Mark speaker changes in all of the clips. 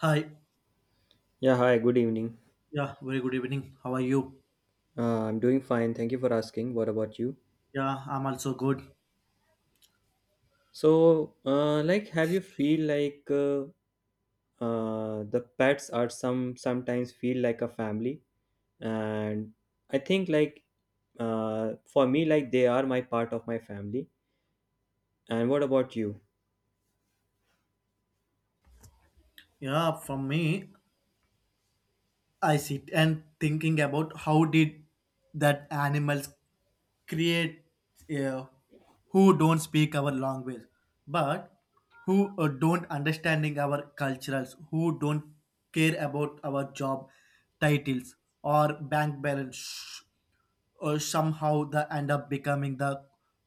Speaker 1: Hi.
Speaker 2: Yeah, hi, good evening.
Speaker 1: Yeah, very good evening. How are you?
Speaker 2: I'm doing fine. Thank you for asking. What about you?
Speaker 1: Yeah, I'm also good.
Speaker 2: Have you feel like the pets are sometimes feel like a family? And I think for me, like they are my part of my family. And what about you?
Speaker 1: Yeah, from me, I sit and thinking about how did that animals create uh, who don't speak our language, but who don't understanding our culturals, who don't care about our job titles or bank balance, somehow they end up becoming the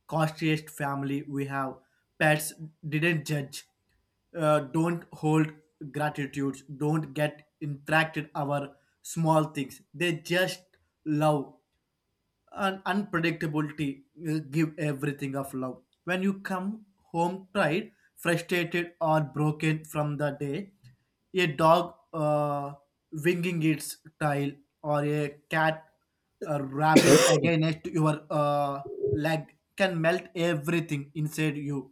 Speaker 1: costliest family we have. Pets didn't judge, don't hold gratitudes, don't get interacted our small things. They just love and unpredictability give everything of love. When you come home tired, frustrated, or broken from the day, a dog winging its tail or a cat rubbing against your leg can melt everything inside you.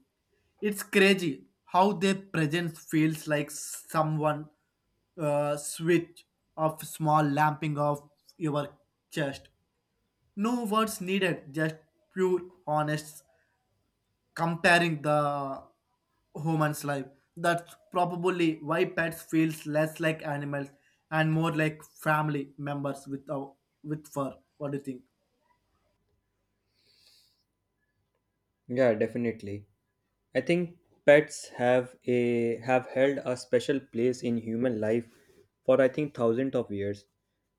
Speaker 1: It's crazy how their presence feels like someone switch of small lamping of your chest, no words needed, just pure honest comparing the human's life. That's probably why pets feels less like animals and more like family members with our, with fur. What do you think?
Speaker 2: Yeah, definitely. I think pets have held a special place in human life for, I think, thousands of years.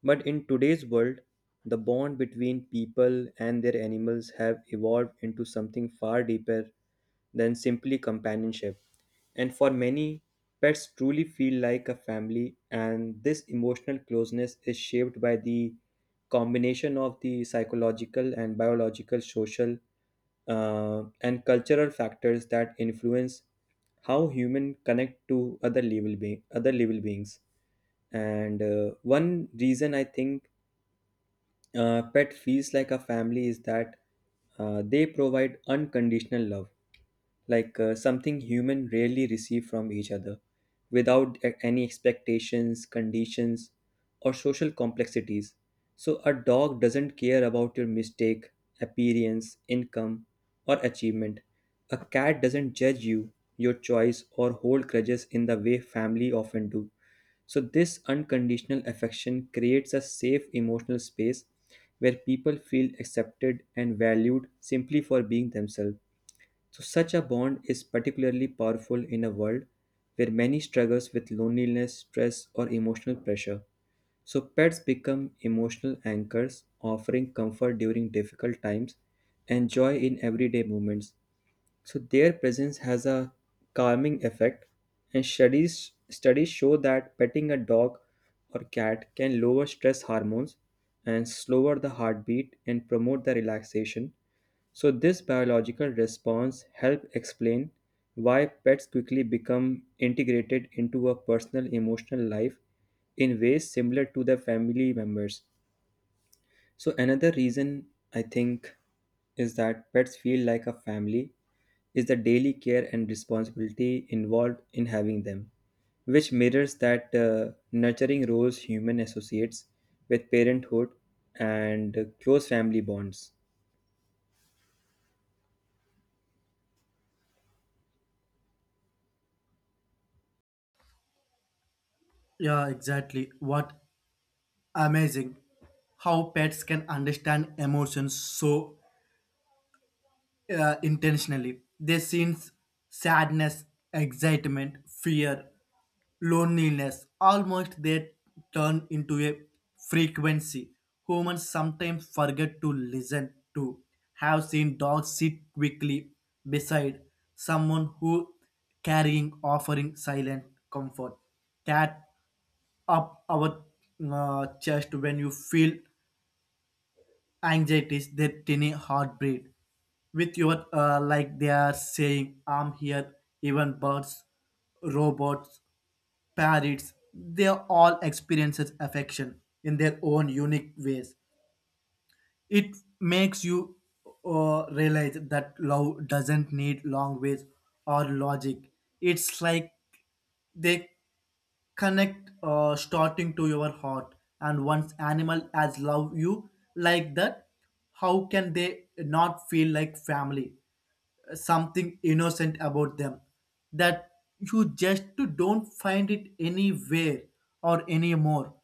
Speaker 2: But in today's world, the bond between people and their animals have evolved into something far deeper than simply companionship. And for many, pets truly feel like a family, and this emotional closeness is shaped by the combination of the psychological and biological, social, and cultural factors that influence how humans connect to other other living beings. And one reason I think pet feels like a family is that they provide unconditional love, like something human rarely receive from each other without any expectations, conditions, or social complexities. So a dog doesn't care about your mistake, appearance, income, or achievement. A cat doesn't judge you, your choice, or hold grudges in the way family often do. So this unconditional affection creates a safe emotional space where people feel accepted and valued simply for being themselves. So, such a bond is particularly powerful in a world where many struggles with loneliness, stress, or emotional pressure. So, pets become emotional anchors, offering comfort during difficult times and joy in everyday moments. So their presence has a calming effect, and studies show that petting a dog or cat can lower stress hormones and slower the heartbeat and promote the relaxation. So this biological response help explain why pets quickly become integrated into a personal emotional life in ways similar to their family members. So, another reason I think is that pets feel like a family is the daily care and responsibility involved in having them, which mirrors that nurturing roles human associates with parenthood and close family bonds.
Speaker 1: Yeah, exactly. What amazing how pets can understand emotions so intentionally. They sense sadness, excitement, fear, loneliness, almost they turn into a frequency humans sometimes forget to listen to. Have seen dogs sit quickly beside someone who carrying offering silent comfort, cat up our chest when you feel anxieties, their tiny heartbeat with your like they are saying I'm here. Even birds, robots, parrots, they all experiences affection in their own unique ways. It makes you realize that love doesn't need long ways or logic. It's like they connect starting to your heart, and once animal as love you like that, how can they not feel like family? Something innocent about them that you just don't find it anywhere or anymore.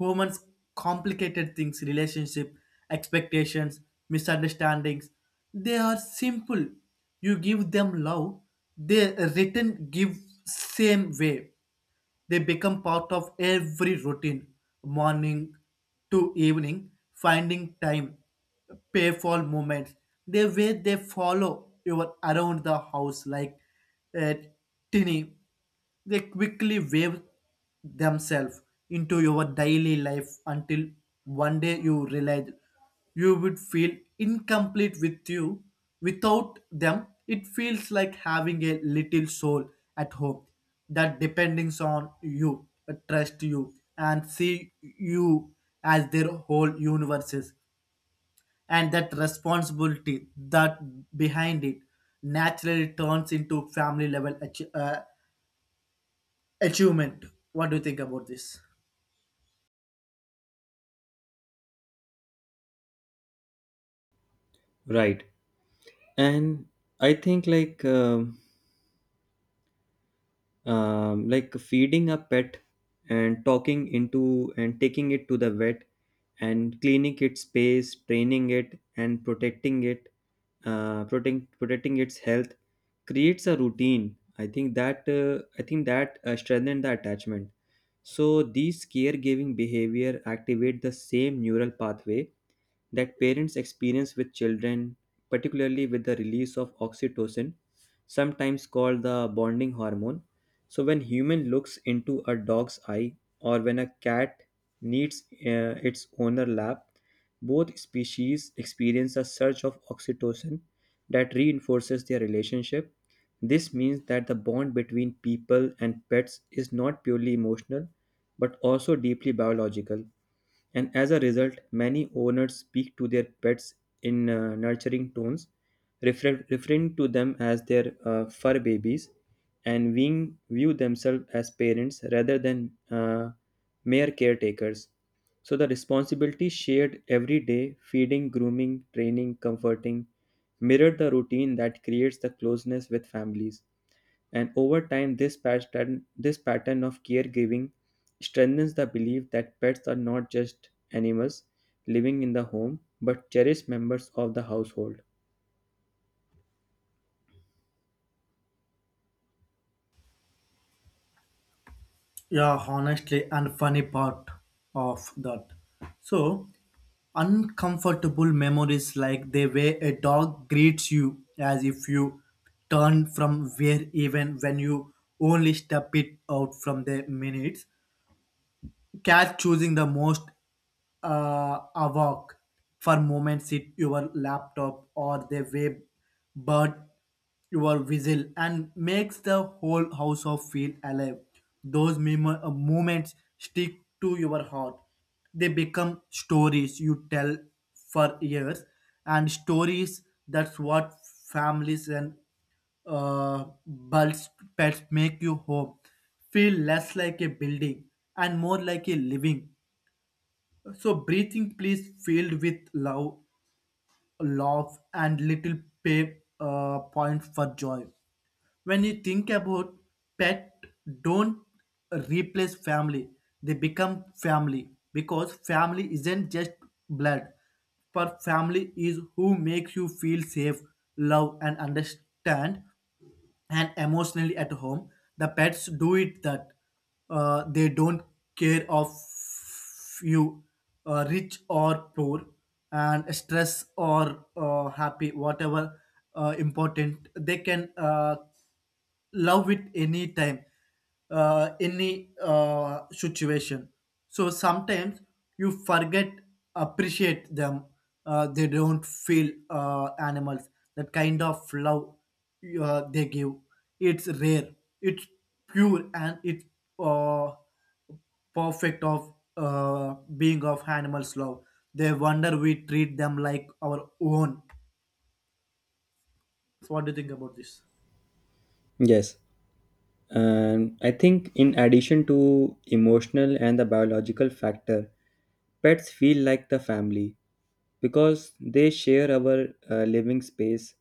Speaker 1: Humans complicated things, relationship, expectations, misunderstandings. They are simple. You give them love, they return give same way. They become part of every routine, morning to evening, finding time, payful moments. The way they follow you around the house like a tinny, they quickly wave themselves into your daily life until one day you realize you would feel incomplete with you without them. It feels like having a little soul at home that depends on you, trust you, and see you as their whole universes, and that responsibility that behind it naturally turns into family level achievement. What do you think about this?
Speaker 2: Right. And I think like feeding a pet and talking into and taking it to the vet and cleaning its space, training it, and protecting it, protecting its health, creates a routine, I think that strengthen the attachment. So these caregiving behavior activate the same neural pathway that parents experience with children, particularly with the release of oxytocin, sometimes called the bonding hormone. So when human looks into a dog's eye or when a cat needs its owner lap, both species experience a surge of oxytocin that reinforces their relationship. This means that the bond between people and pets is not purely emotional but also deeply biological. And as a result, many owners speak to their pets in nurturing tones, referring to them as their fur babies and view themselves as parents rather than mere caretakers. So the responsibility shared every day, feeding, grooming, training, comforting, mirrored the routine that creates the closeness with families. And over time, this pattern of caregiving strengthens the belief that pets are not just animals living in the home, but cherished members of the household.
Speaker 1: Yeah, honestly, and funny part of that. So, uncomfortable memories like the way a dog greets you as if you turn from where even when you only step it out from the minutes, catch choosing the most awok for moments sit your laptop or the web, bird your whistle and makes the whole house of feel alive. Those memo moments stick to your heart. They become stories you tell for years, and stories that's what families and bulls pets make you home feel less like a building and more like a living. So breathing place filled with love, love and little pay point for joy. When you think about pet, don't replace family. They become family because family isn't just blood, but family is who makes you feel safe, love and understand and emotionally at home. The pets do it that they don't care of you rich or poor, and stress or happy, whatever important, they can love it any time, any situation. So sometimes you forget appreciate them, they don't feel animals. That kind of love they give, it's rare, it's pure, and it's uh, perfect of being of animals love. They wonder we treat them like our own. So what do you think about this?
Speaker 2: Yes. And I think, in addition to emotional and the biological factor, pets feel like the family because they share our living space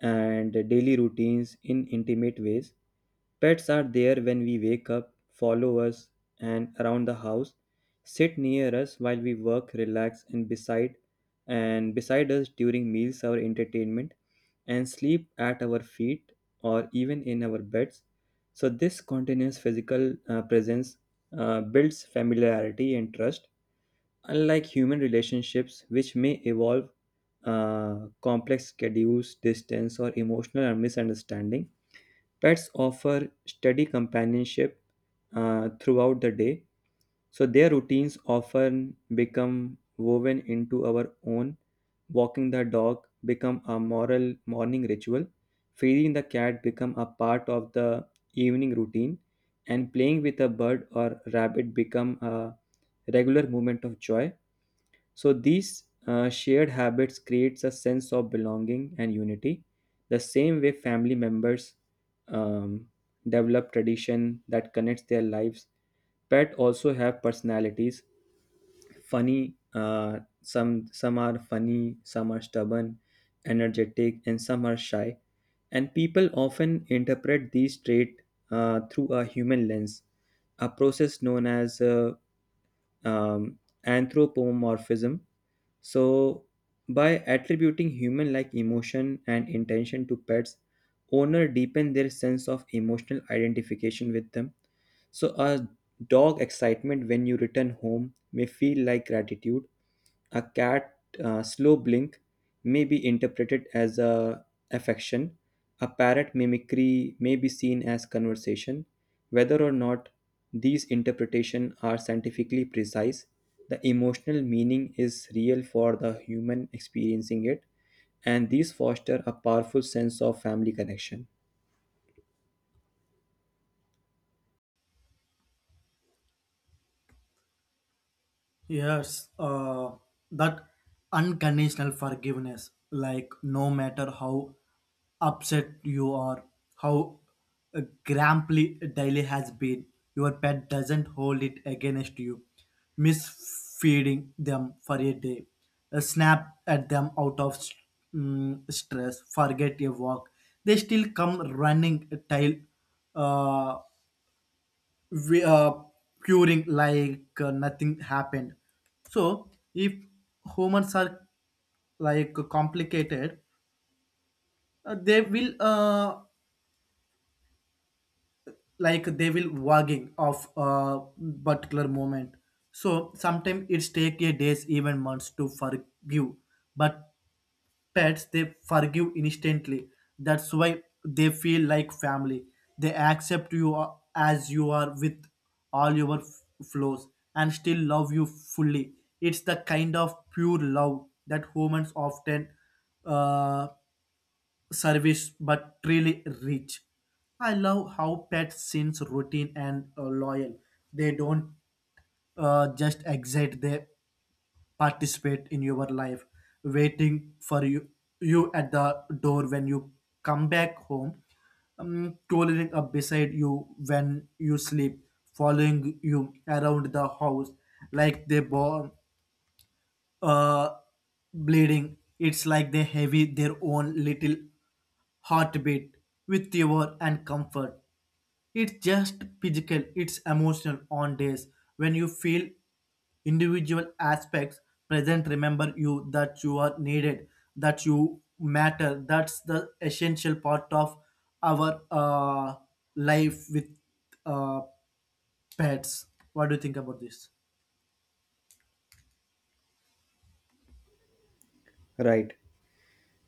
Speaker 2: and daily routines in intimate ways. Pets are there when we wake up, follow us, and around the house, sit near us while we work, relax, and beside us during meals, our entertainment, and sleep at our feet or even in our beds. So this continuous physical presence builds familiarity and trust. Unlike human relationships, which may evolve complex schedules, distance, or emotional or misunderstanding, pets offer steady companionship throughout the day. So their routines often become woven into our own. Walking the dog become a moral morning ritual. Feeding the cat become a part of the evening routine, and playing with a bird or rabbit become a regular moment of joy. So these shared habits creates a sense of belonging and unity, the same way family members um, develop tradition that connects their lives. Pet also have personalities. Some some are funny, some are stubborn, energetic, and some are shy. And people often interpret these traits through a human lens, a process known as um, anthropomorphism. So, by attributing human like emotion and intention to pets, owner deepen their sense of emotional identification with them. So, a dog excitement when you return home may feel like gratitude. A cat slow blink may be interpreted as a affection. A parrot mimicry may be seen as conversation. Whether or not these interpretations are scientifically precise, the emotional meaning is real for the human experiencing it, and these foster a powerful sense of family connection.
Speaker 1: Yes, that unconditional forgiveness, like no matter how upset you are, how grumpy daily has been, your pet doesn't hold it against you. Misfeeding them for a day, a snap at them out of stress, forget a walk. They still come running tail, uh, we curing like nothing happened. So if humans are like complicated, they will like they will wagging of a particular moment. So sometimes it's take a days even months to forgive, but pets, they forgive instantly. That's why they feel like family. They accept you as you are with all your flaws and still love you fully. It's the kind of pure love that humans often uh, service but really reach. I love how pets seems routine and loyal. They don't just exit. They participate in your life, waiting for you, you at the door when you come back home, crawling up beside you when you sleep, following you around the house like they born uh, bleeding. It's like they have their own little heartbeat with your and comfort. It's just physical, it's emotional on days when you feel individual aspects present, remember you that you are needed, that you matter. That's the essential part of our life with uh, pets. What do you think about this?
Speaker 2: Right.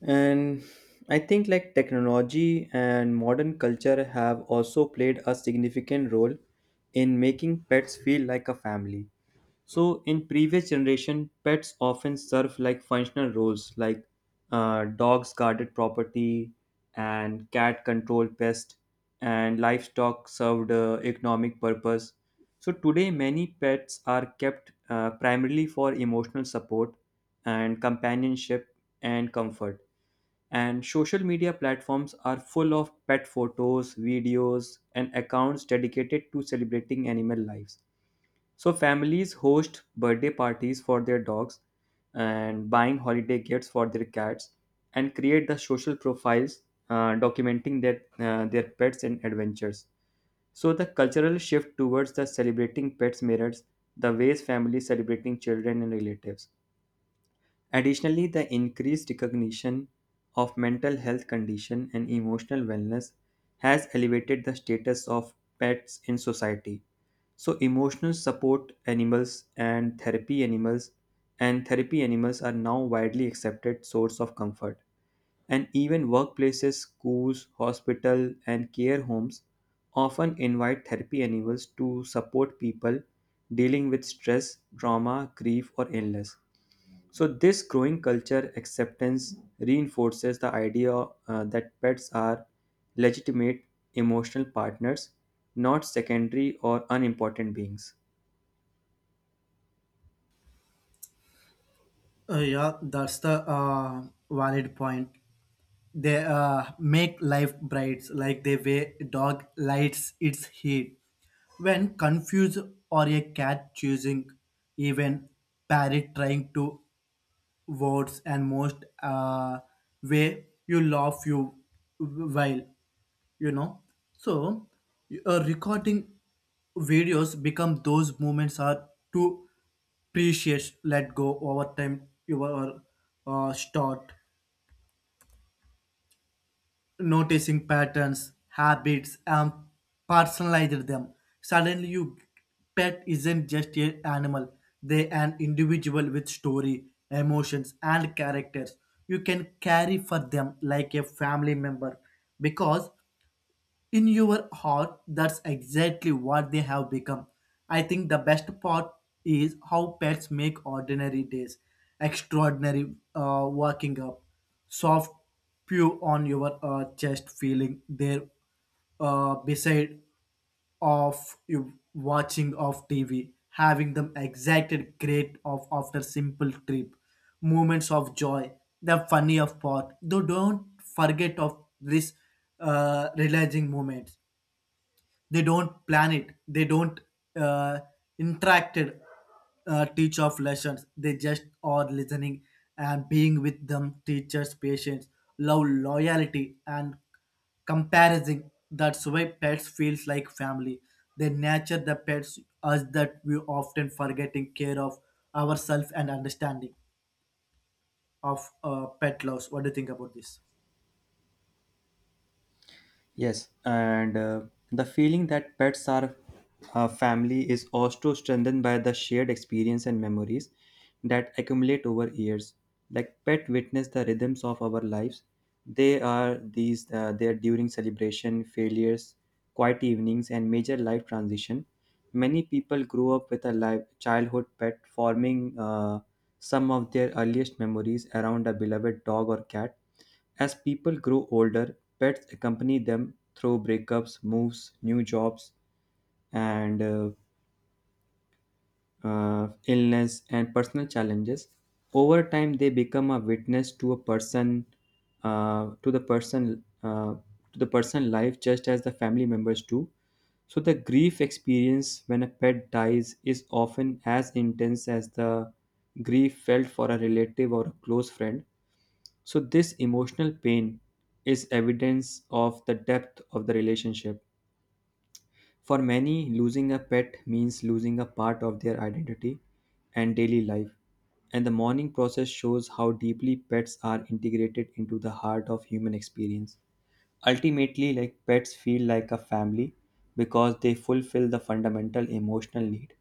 Speaker 2: And I think like technology and modern culture have also played a significant role in making pets feel like a family. So in previous generation, pets often serve like functional roles like dogs guarded property and cat controlled pest, and livestock served economic purpose. So today, many pets are kept primarily for emotional support and companionship and comfort. And social media platforms are full of pet photos, videos, and accounts dedicated to celebrating animal lives. So families host birthday parties for their dogs and buying holiday gifts for their cats and create the social profiles documenting their pets and adventures. So the cultural shift towards the celebrating pets mirrors the ways families celebrating children and relatives. Additionally, the increased recognition of mental health condition and emotional wellness has elevated the status of pets in society. So emotional support animals and therapy animals are now widely accepted source of comfort, and even workplaces, schools, hospital, and care homes often invite therapy animals to support people dealing with stress, trauma, grief, or illness. So, this growing culture acceptance reinforces the idea that pets are legitimate emotional partners, not secondary or unimportant beings.
Speaker 1: Yeah, that's the valid point. They make life bright like the way dog lights its heat. When confused, or a cat choosing, even parrot trying to words, and most way you laugh you while, you know, so recording videos become those moments are too precious let go. Over time you are start noticing patterns, habits, and personalize them. Suddenly you pet isn't just an animal, they an individual with story, emotions, and characters. You can carry for them like a family member, because in your heart that's exactly what they have become. I think the best part is how pets make ordinary days extraordinary. Waking up, soft pew on your chest, feeling there beside of you watching of TV, having them exacted great of after simple trip, moments of joy, the funny of part. Though don't forget of this realizing moment, they don't plan it, they don't uh, interacted teach of lessons. They just are listening, and being with them teachers patience, love, loyalty, and comparison. That's why pets feels like family. They nurture the pets as that we often forgetting care of ourselves and understanding of pet loss. What do you think about this?
Speaker 2: Yes, and the feeling that pets are a family is also strengthened by the shared experience and memories that accumulate over years. Like pet witness the rhythms of our lives. They are these there during celebration, failures, quiet evenings, and major life transition. Many people grow up with a life, childhood pet, forming some of their earliest memories around a beloved dog or cat. As people grow older, pets accompany them through breakups, moves, new jobs, and illness, and personal challenges. Over time, they become a witness to a person, to the person, to the person life, just as the family members do. So the grief experience when a pet dies is often as intense as the grief felt for a relative or a close friend. So this emotional pain is evidence of the depth of the relationship. For many, losing a pet means losing a part of their identity and daily life, and the mourning process shows how deeply pets are integrated into the heart of human experience. Ultimately, like, pets feel like a family because they fulfill the fundamental emotional need,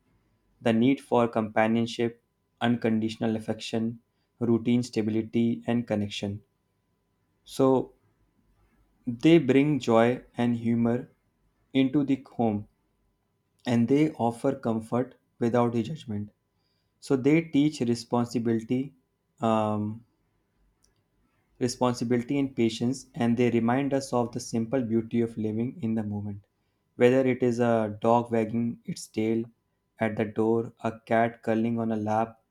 Speaker 2: the need for companionship, unconditional affection, routine stability, and connection. So, they bring joy and humor into the home, and they offer comfort without the judgment. So they teach responsibility, um, responsibility and patience, and they remind us of the simple beauty of living in the moment. Whether it is a dog wagging its tail at the door, a cat curling on a lap,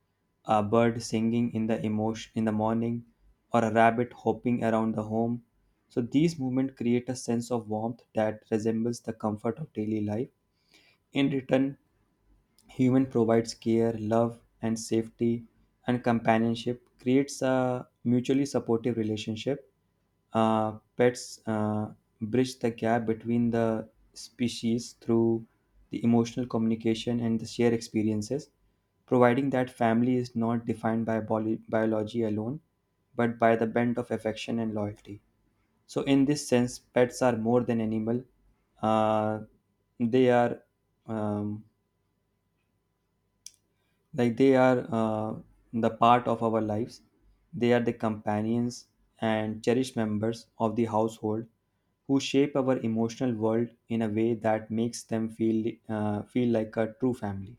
Speaker 2: a bird singing in the emotion in the morning, or a rabbit hopping around the home. So these movements create a sense of warmth that resembles the comfort of daily life. In return, human provides care, love, and safety, and companionship creates a mutually supportive relationship. Pets bridge the gap between the species through the emotional communication and the shared experiences, providing that family is not defined by biology alone, but by the bent of affection and loyalty. So, in this sense, pets are more than animal. Uh, they are um, they are the part of our lives. They are the companions and cherished members of the household who shape our emotional world in a way that makes them feel feel like a true family.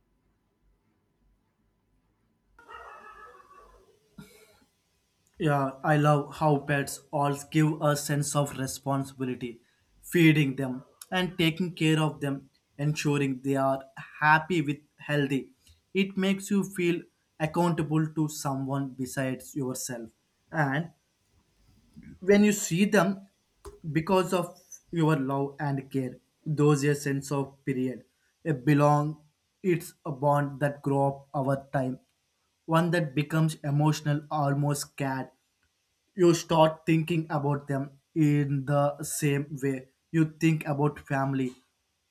Speaker 1: Yeah, I love how pets all give a sense of responsibility, feeding them and taking care of them, ensuring they are happy with healthy. It makes you feel accountable to someone besides yourself. And when you see them because of your love and care, those a sense of period. A belong, it's a bond that grow up over time, one that becomes emotional, almost scared. You start thinking about them in the same way you think about family.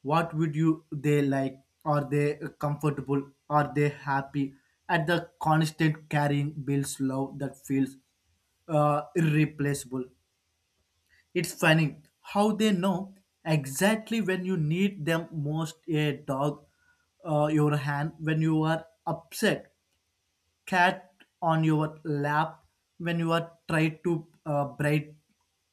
Speaker 1: What would you they like? Are they comfortable? Are they happy? At the constant carrying bills love that feels irreplaceable. It's funny how they know exactly when you need them most, a dog your hand when you are upset, cat on your lap when you are try to bright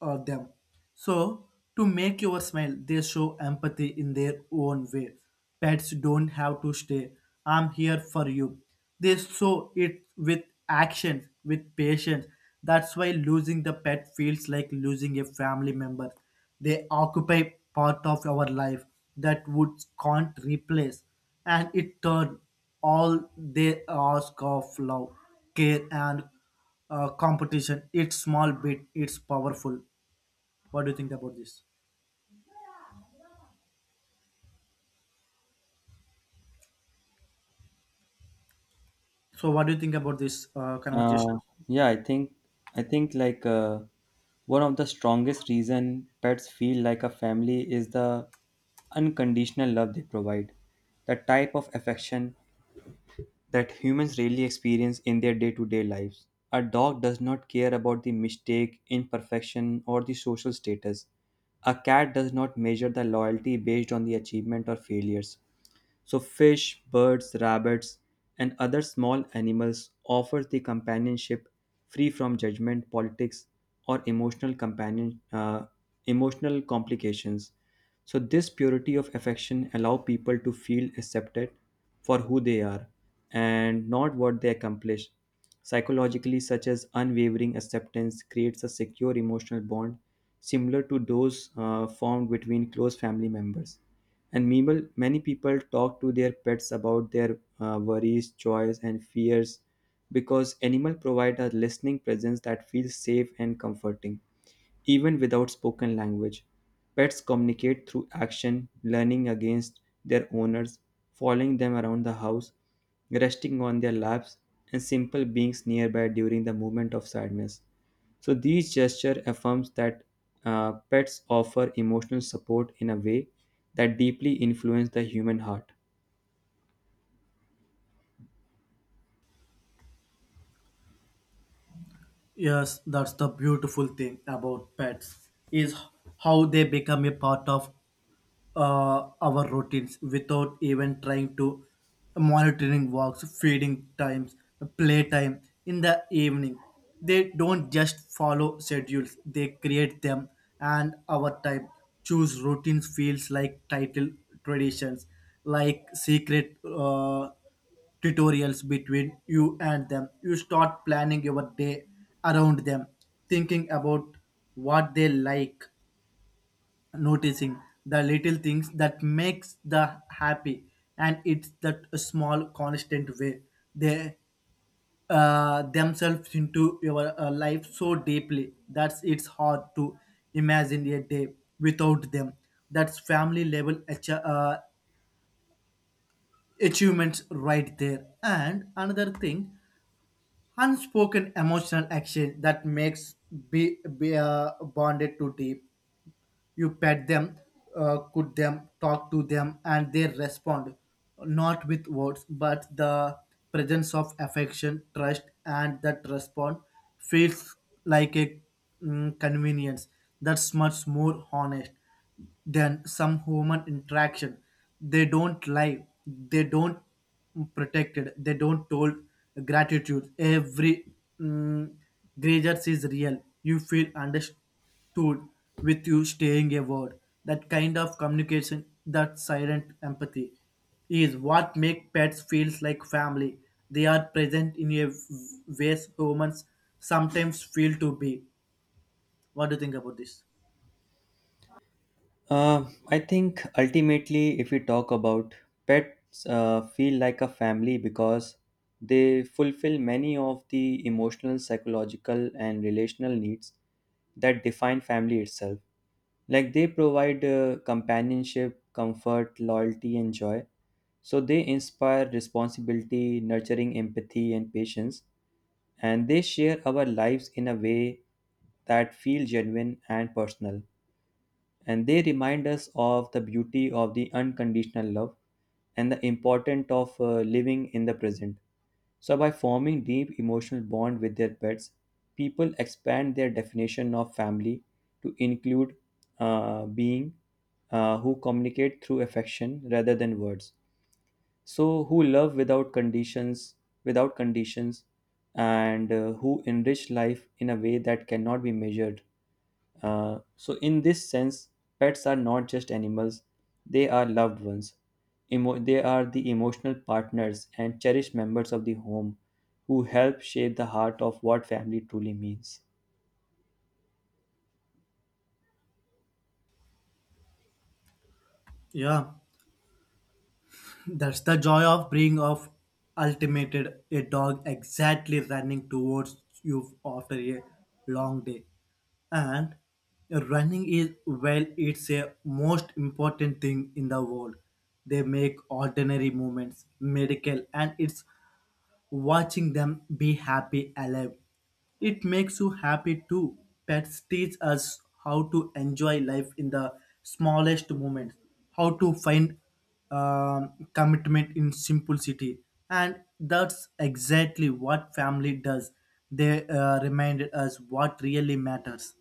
Speaker 1: them. So to make your smile, they show empathy in their own way. Pets don't have to stay. I'm here for you. They show it with actions, with patience. That's why losing the pet feels like losing a family member. They occupy part of our life that woods can't replace. And it turned all they ask of love, care, and competition. It's small bit, it's powerful. What do you think about this? So, what do you think about this conversation?
Speaker 2: Uh, yeah i think i think like uh, one of the strongest reason pets feel like a family is the unconditional love they provide, the type of affection that humans rarely experience in their day to day lives. A dog does not care about the mistake, imperfection, or the social status. A cat does not measure the loyalty based on the achievement or failures. So fish, birds, rabbits, and other small animals offer the companionship free from judgment, politics, or emotional complications. So this purity of affection allow people to feel accepted for who they are and not what they accomplish. Psychologically, such as unwavering acceptance creates a secure emotional bond similar to those formed between close family members. And meanwhile, many people talk to their pets about their worries, joys, and fears because animals provide a listening presence that feels safe and comforting. Even without spoken language, pets communicate through action, learning against their owners, following them around the house, resting on their laps, and simple beings nearby during the moment of sadness. So these gesture affirms that pets offer emotional support in a way that deeply influence the human heart.
Speaker 1: Yes, that's the beautiful thing about pets is how they become a part of our routines without even trying to monitoring walks, feeding times, playtime in the evening. They don't just follow schedules, they create them, and our time choose routines feels like title traditions, like secret tutorials between you and them. You start planning your day around them, thinking about what they like, noticing the little things that makes the happy. And it's that small constant way they themselves into your life so deeply that it's hard to imagine a day without them. That's family level achievements right there. And another thing, unspoken emotional action that makes be bonded to deep. You pet them, cook them, talk to them, and they respond, not with words, but the presence of affection, trust, and that response feels like a convenience that's much more honest than some human interaction. They don't lie, they don't protect it, they don't told gratitude. Every mm, grievance is real. You feel understood toured with you staying a word. That kind of communication, that silent empathy, is what make pets feels like family. They are present in a ways humans sometimes feel to be. What do you think about this?
Speaker 2: Uh, I think ultimately, if we talk about pets, feel like a family because they fulfill many of the emotional, psychological, and relational needs that define family itself. Like they provide companionship, comfort, loyalty, and joy. So they inspire responsibility, nurturing empathy, and patience. And they share our lives in a way that feel genuine and personal, and they remind us of the beauty of the unconditional love and the importance of living in the present. So, by forming deep emotional bond with their pets, people expand their definition of family to include being who communicate through affection rather than words, so who love without conditions, and who enrich life in a way that cannot be measured. So in this sense, pets are not just animals, they are loved ones. They are the emotional partners and cherished members of the home who help shape the heart of what family truly means.
Speaker 1: Yeah. That's the joy of being of ultimated, a dog exactly running towards you after a long day. And running is well, it's a most important thing in the world. They make ordinary movements medical, and it's watching them be happy alive. It makes you happy too. Pets teach us how to enjoy life in the smallest moments, how to find commitment in simplicity, and that's exactly what family does. They remind us what really matters.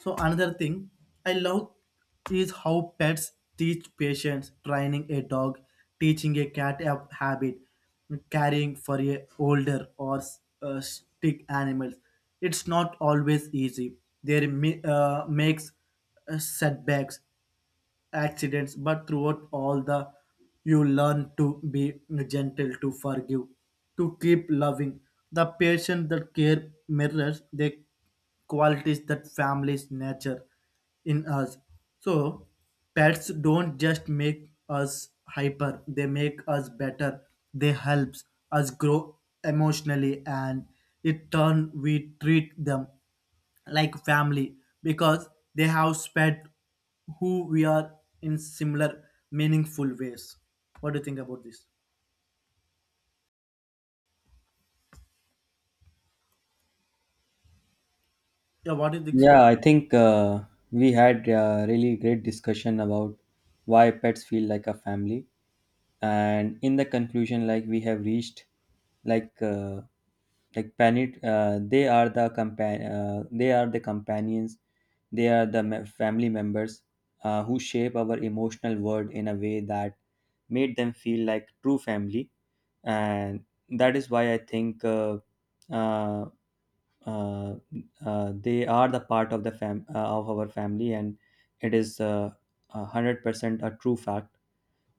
Speaker 1: So another thing I love is how pets teach patience, training a dog, teaching a cat a habit, caring for a older or sick animals. It's not always easy. There makes setbacks, accidents, but throughout all the, you learn to be gentle, to forgive, to keep loving. The patient that care mirrors the qualities that families nature in us. So pets don't just make us hyper, they make us better. They helps us grow emotionally, and it turn we treat them like family, because they have spread who we are in similar meaningful ways. What do you think about this? Yeah, what is this?
Speaker 2: Yeah I think We had a really great discussion about why pets feel like a family, and in the conclusion, like, we have reached like uh, like planet they are the they are the companions, they are the family members who shape our emotional world in a way that made them feel like true family. And that is why I think uh, uh, they are the part of the fam of our family, and it is a 100% a true fact.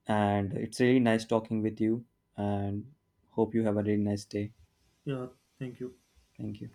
Speaker 2: And it's really nice talking with you. And hope you have a really nice day.
Speaker 1: Yeah, thank you.
Speaker 2: Thank you.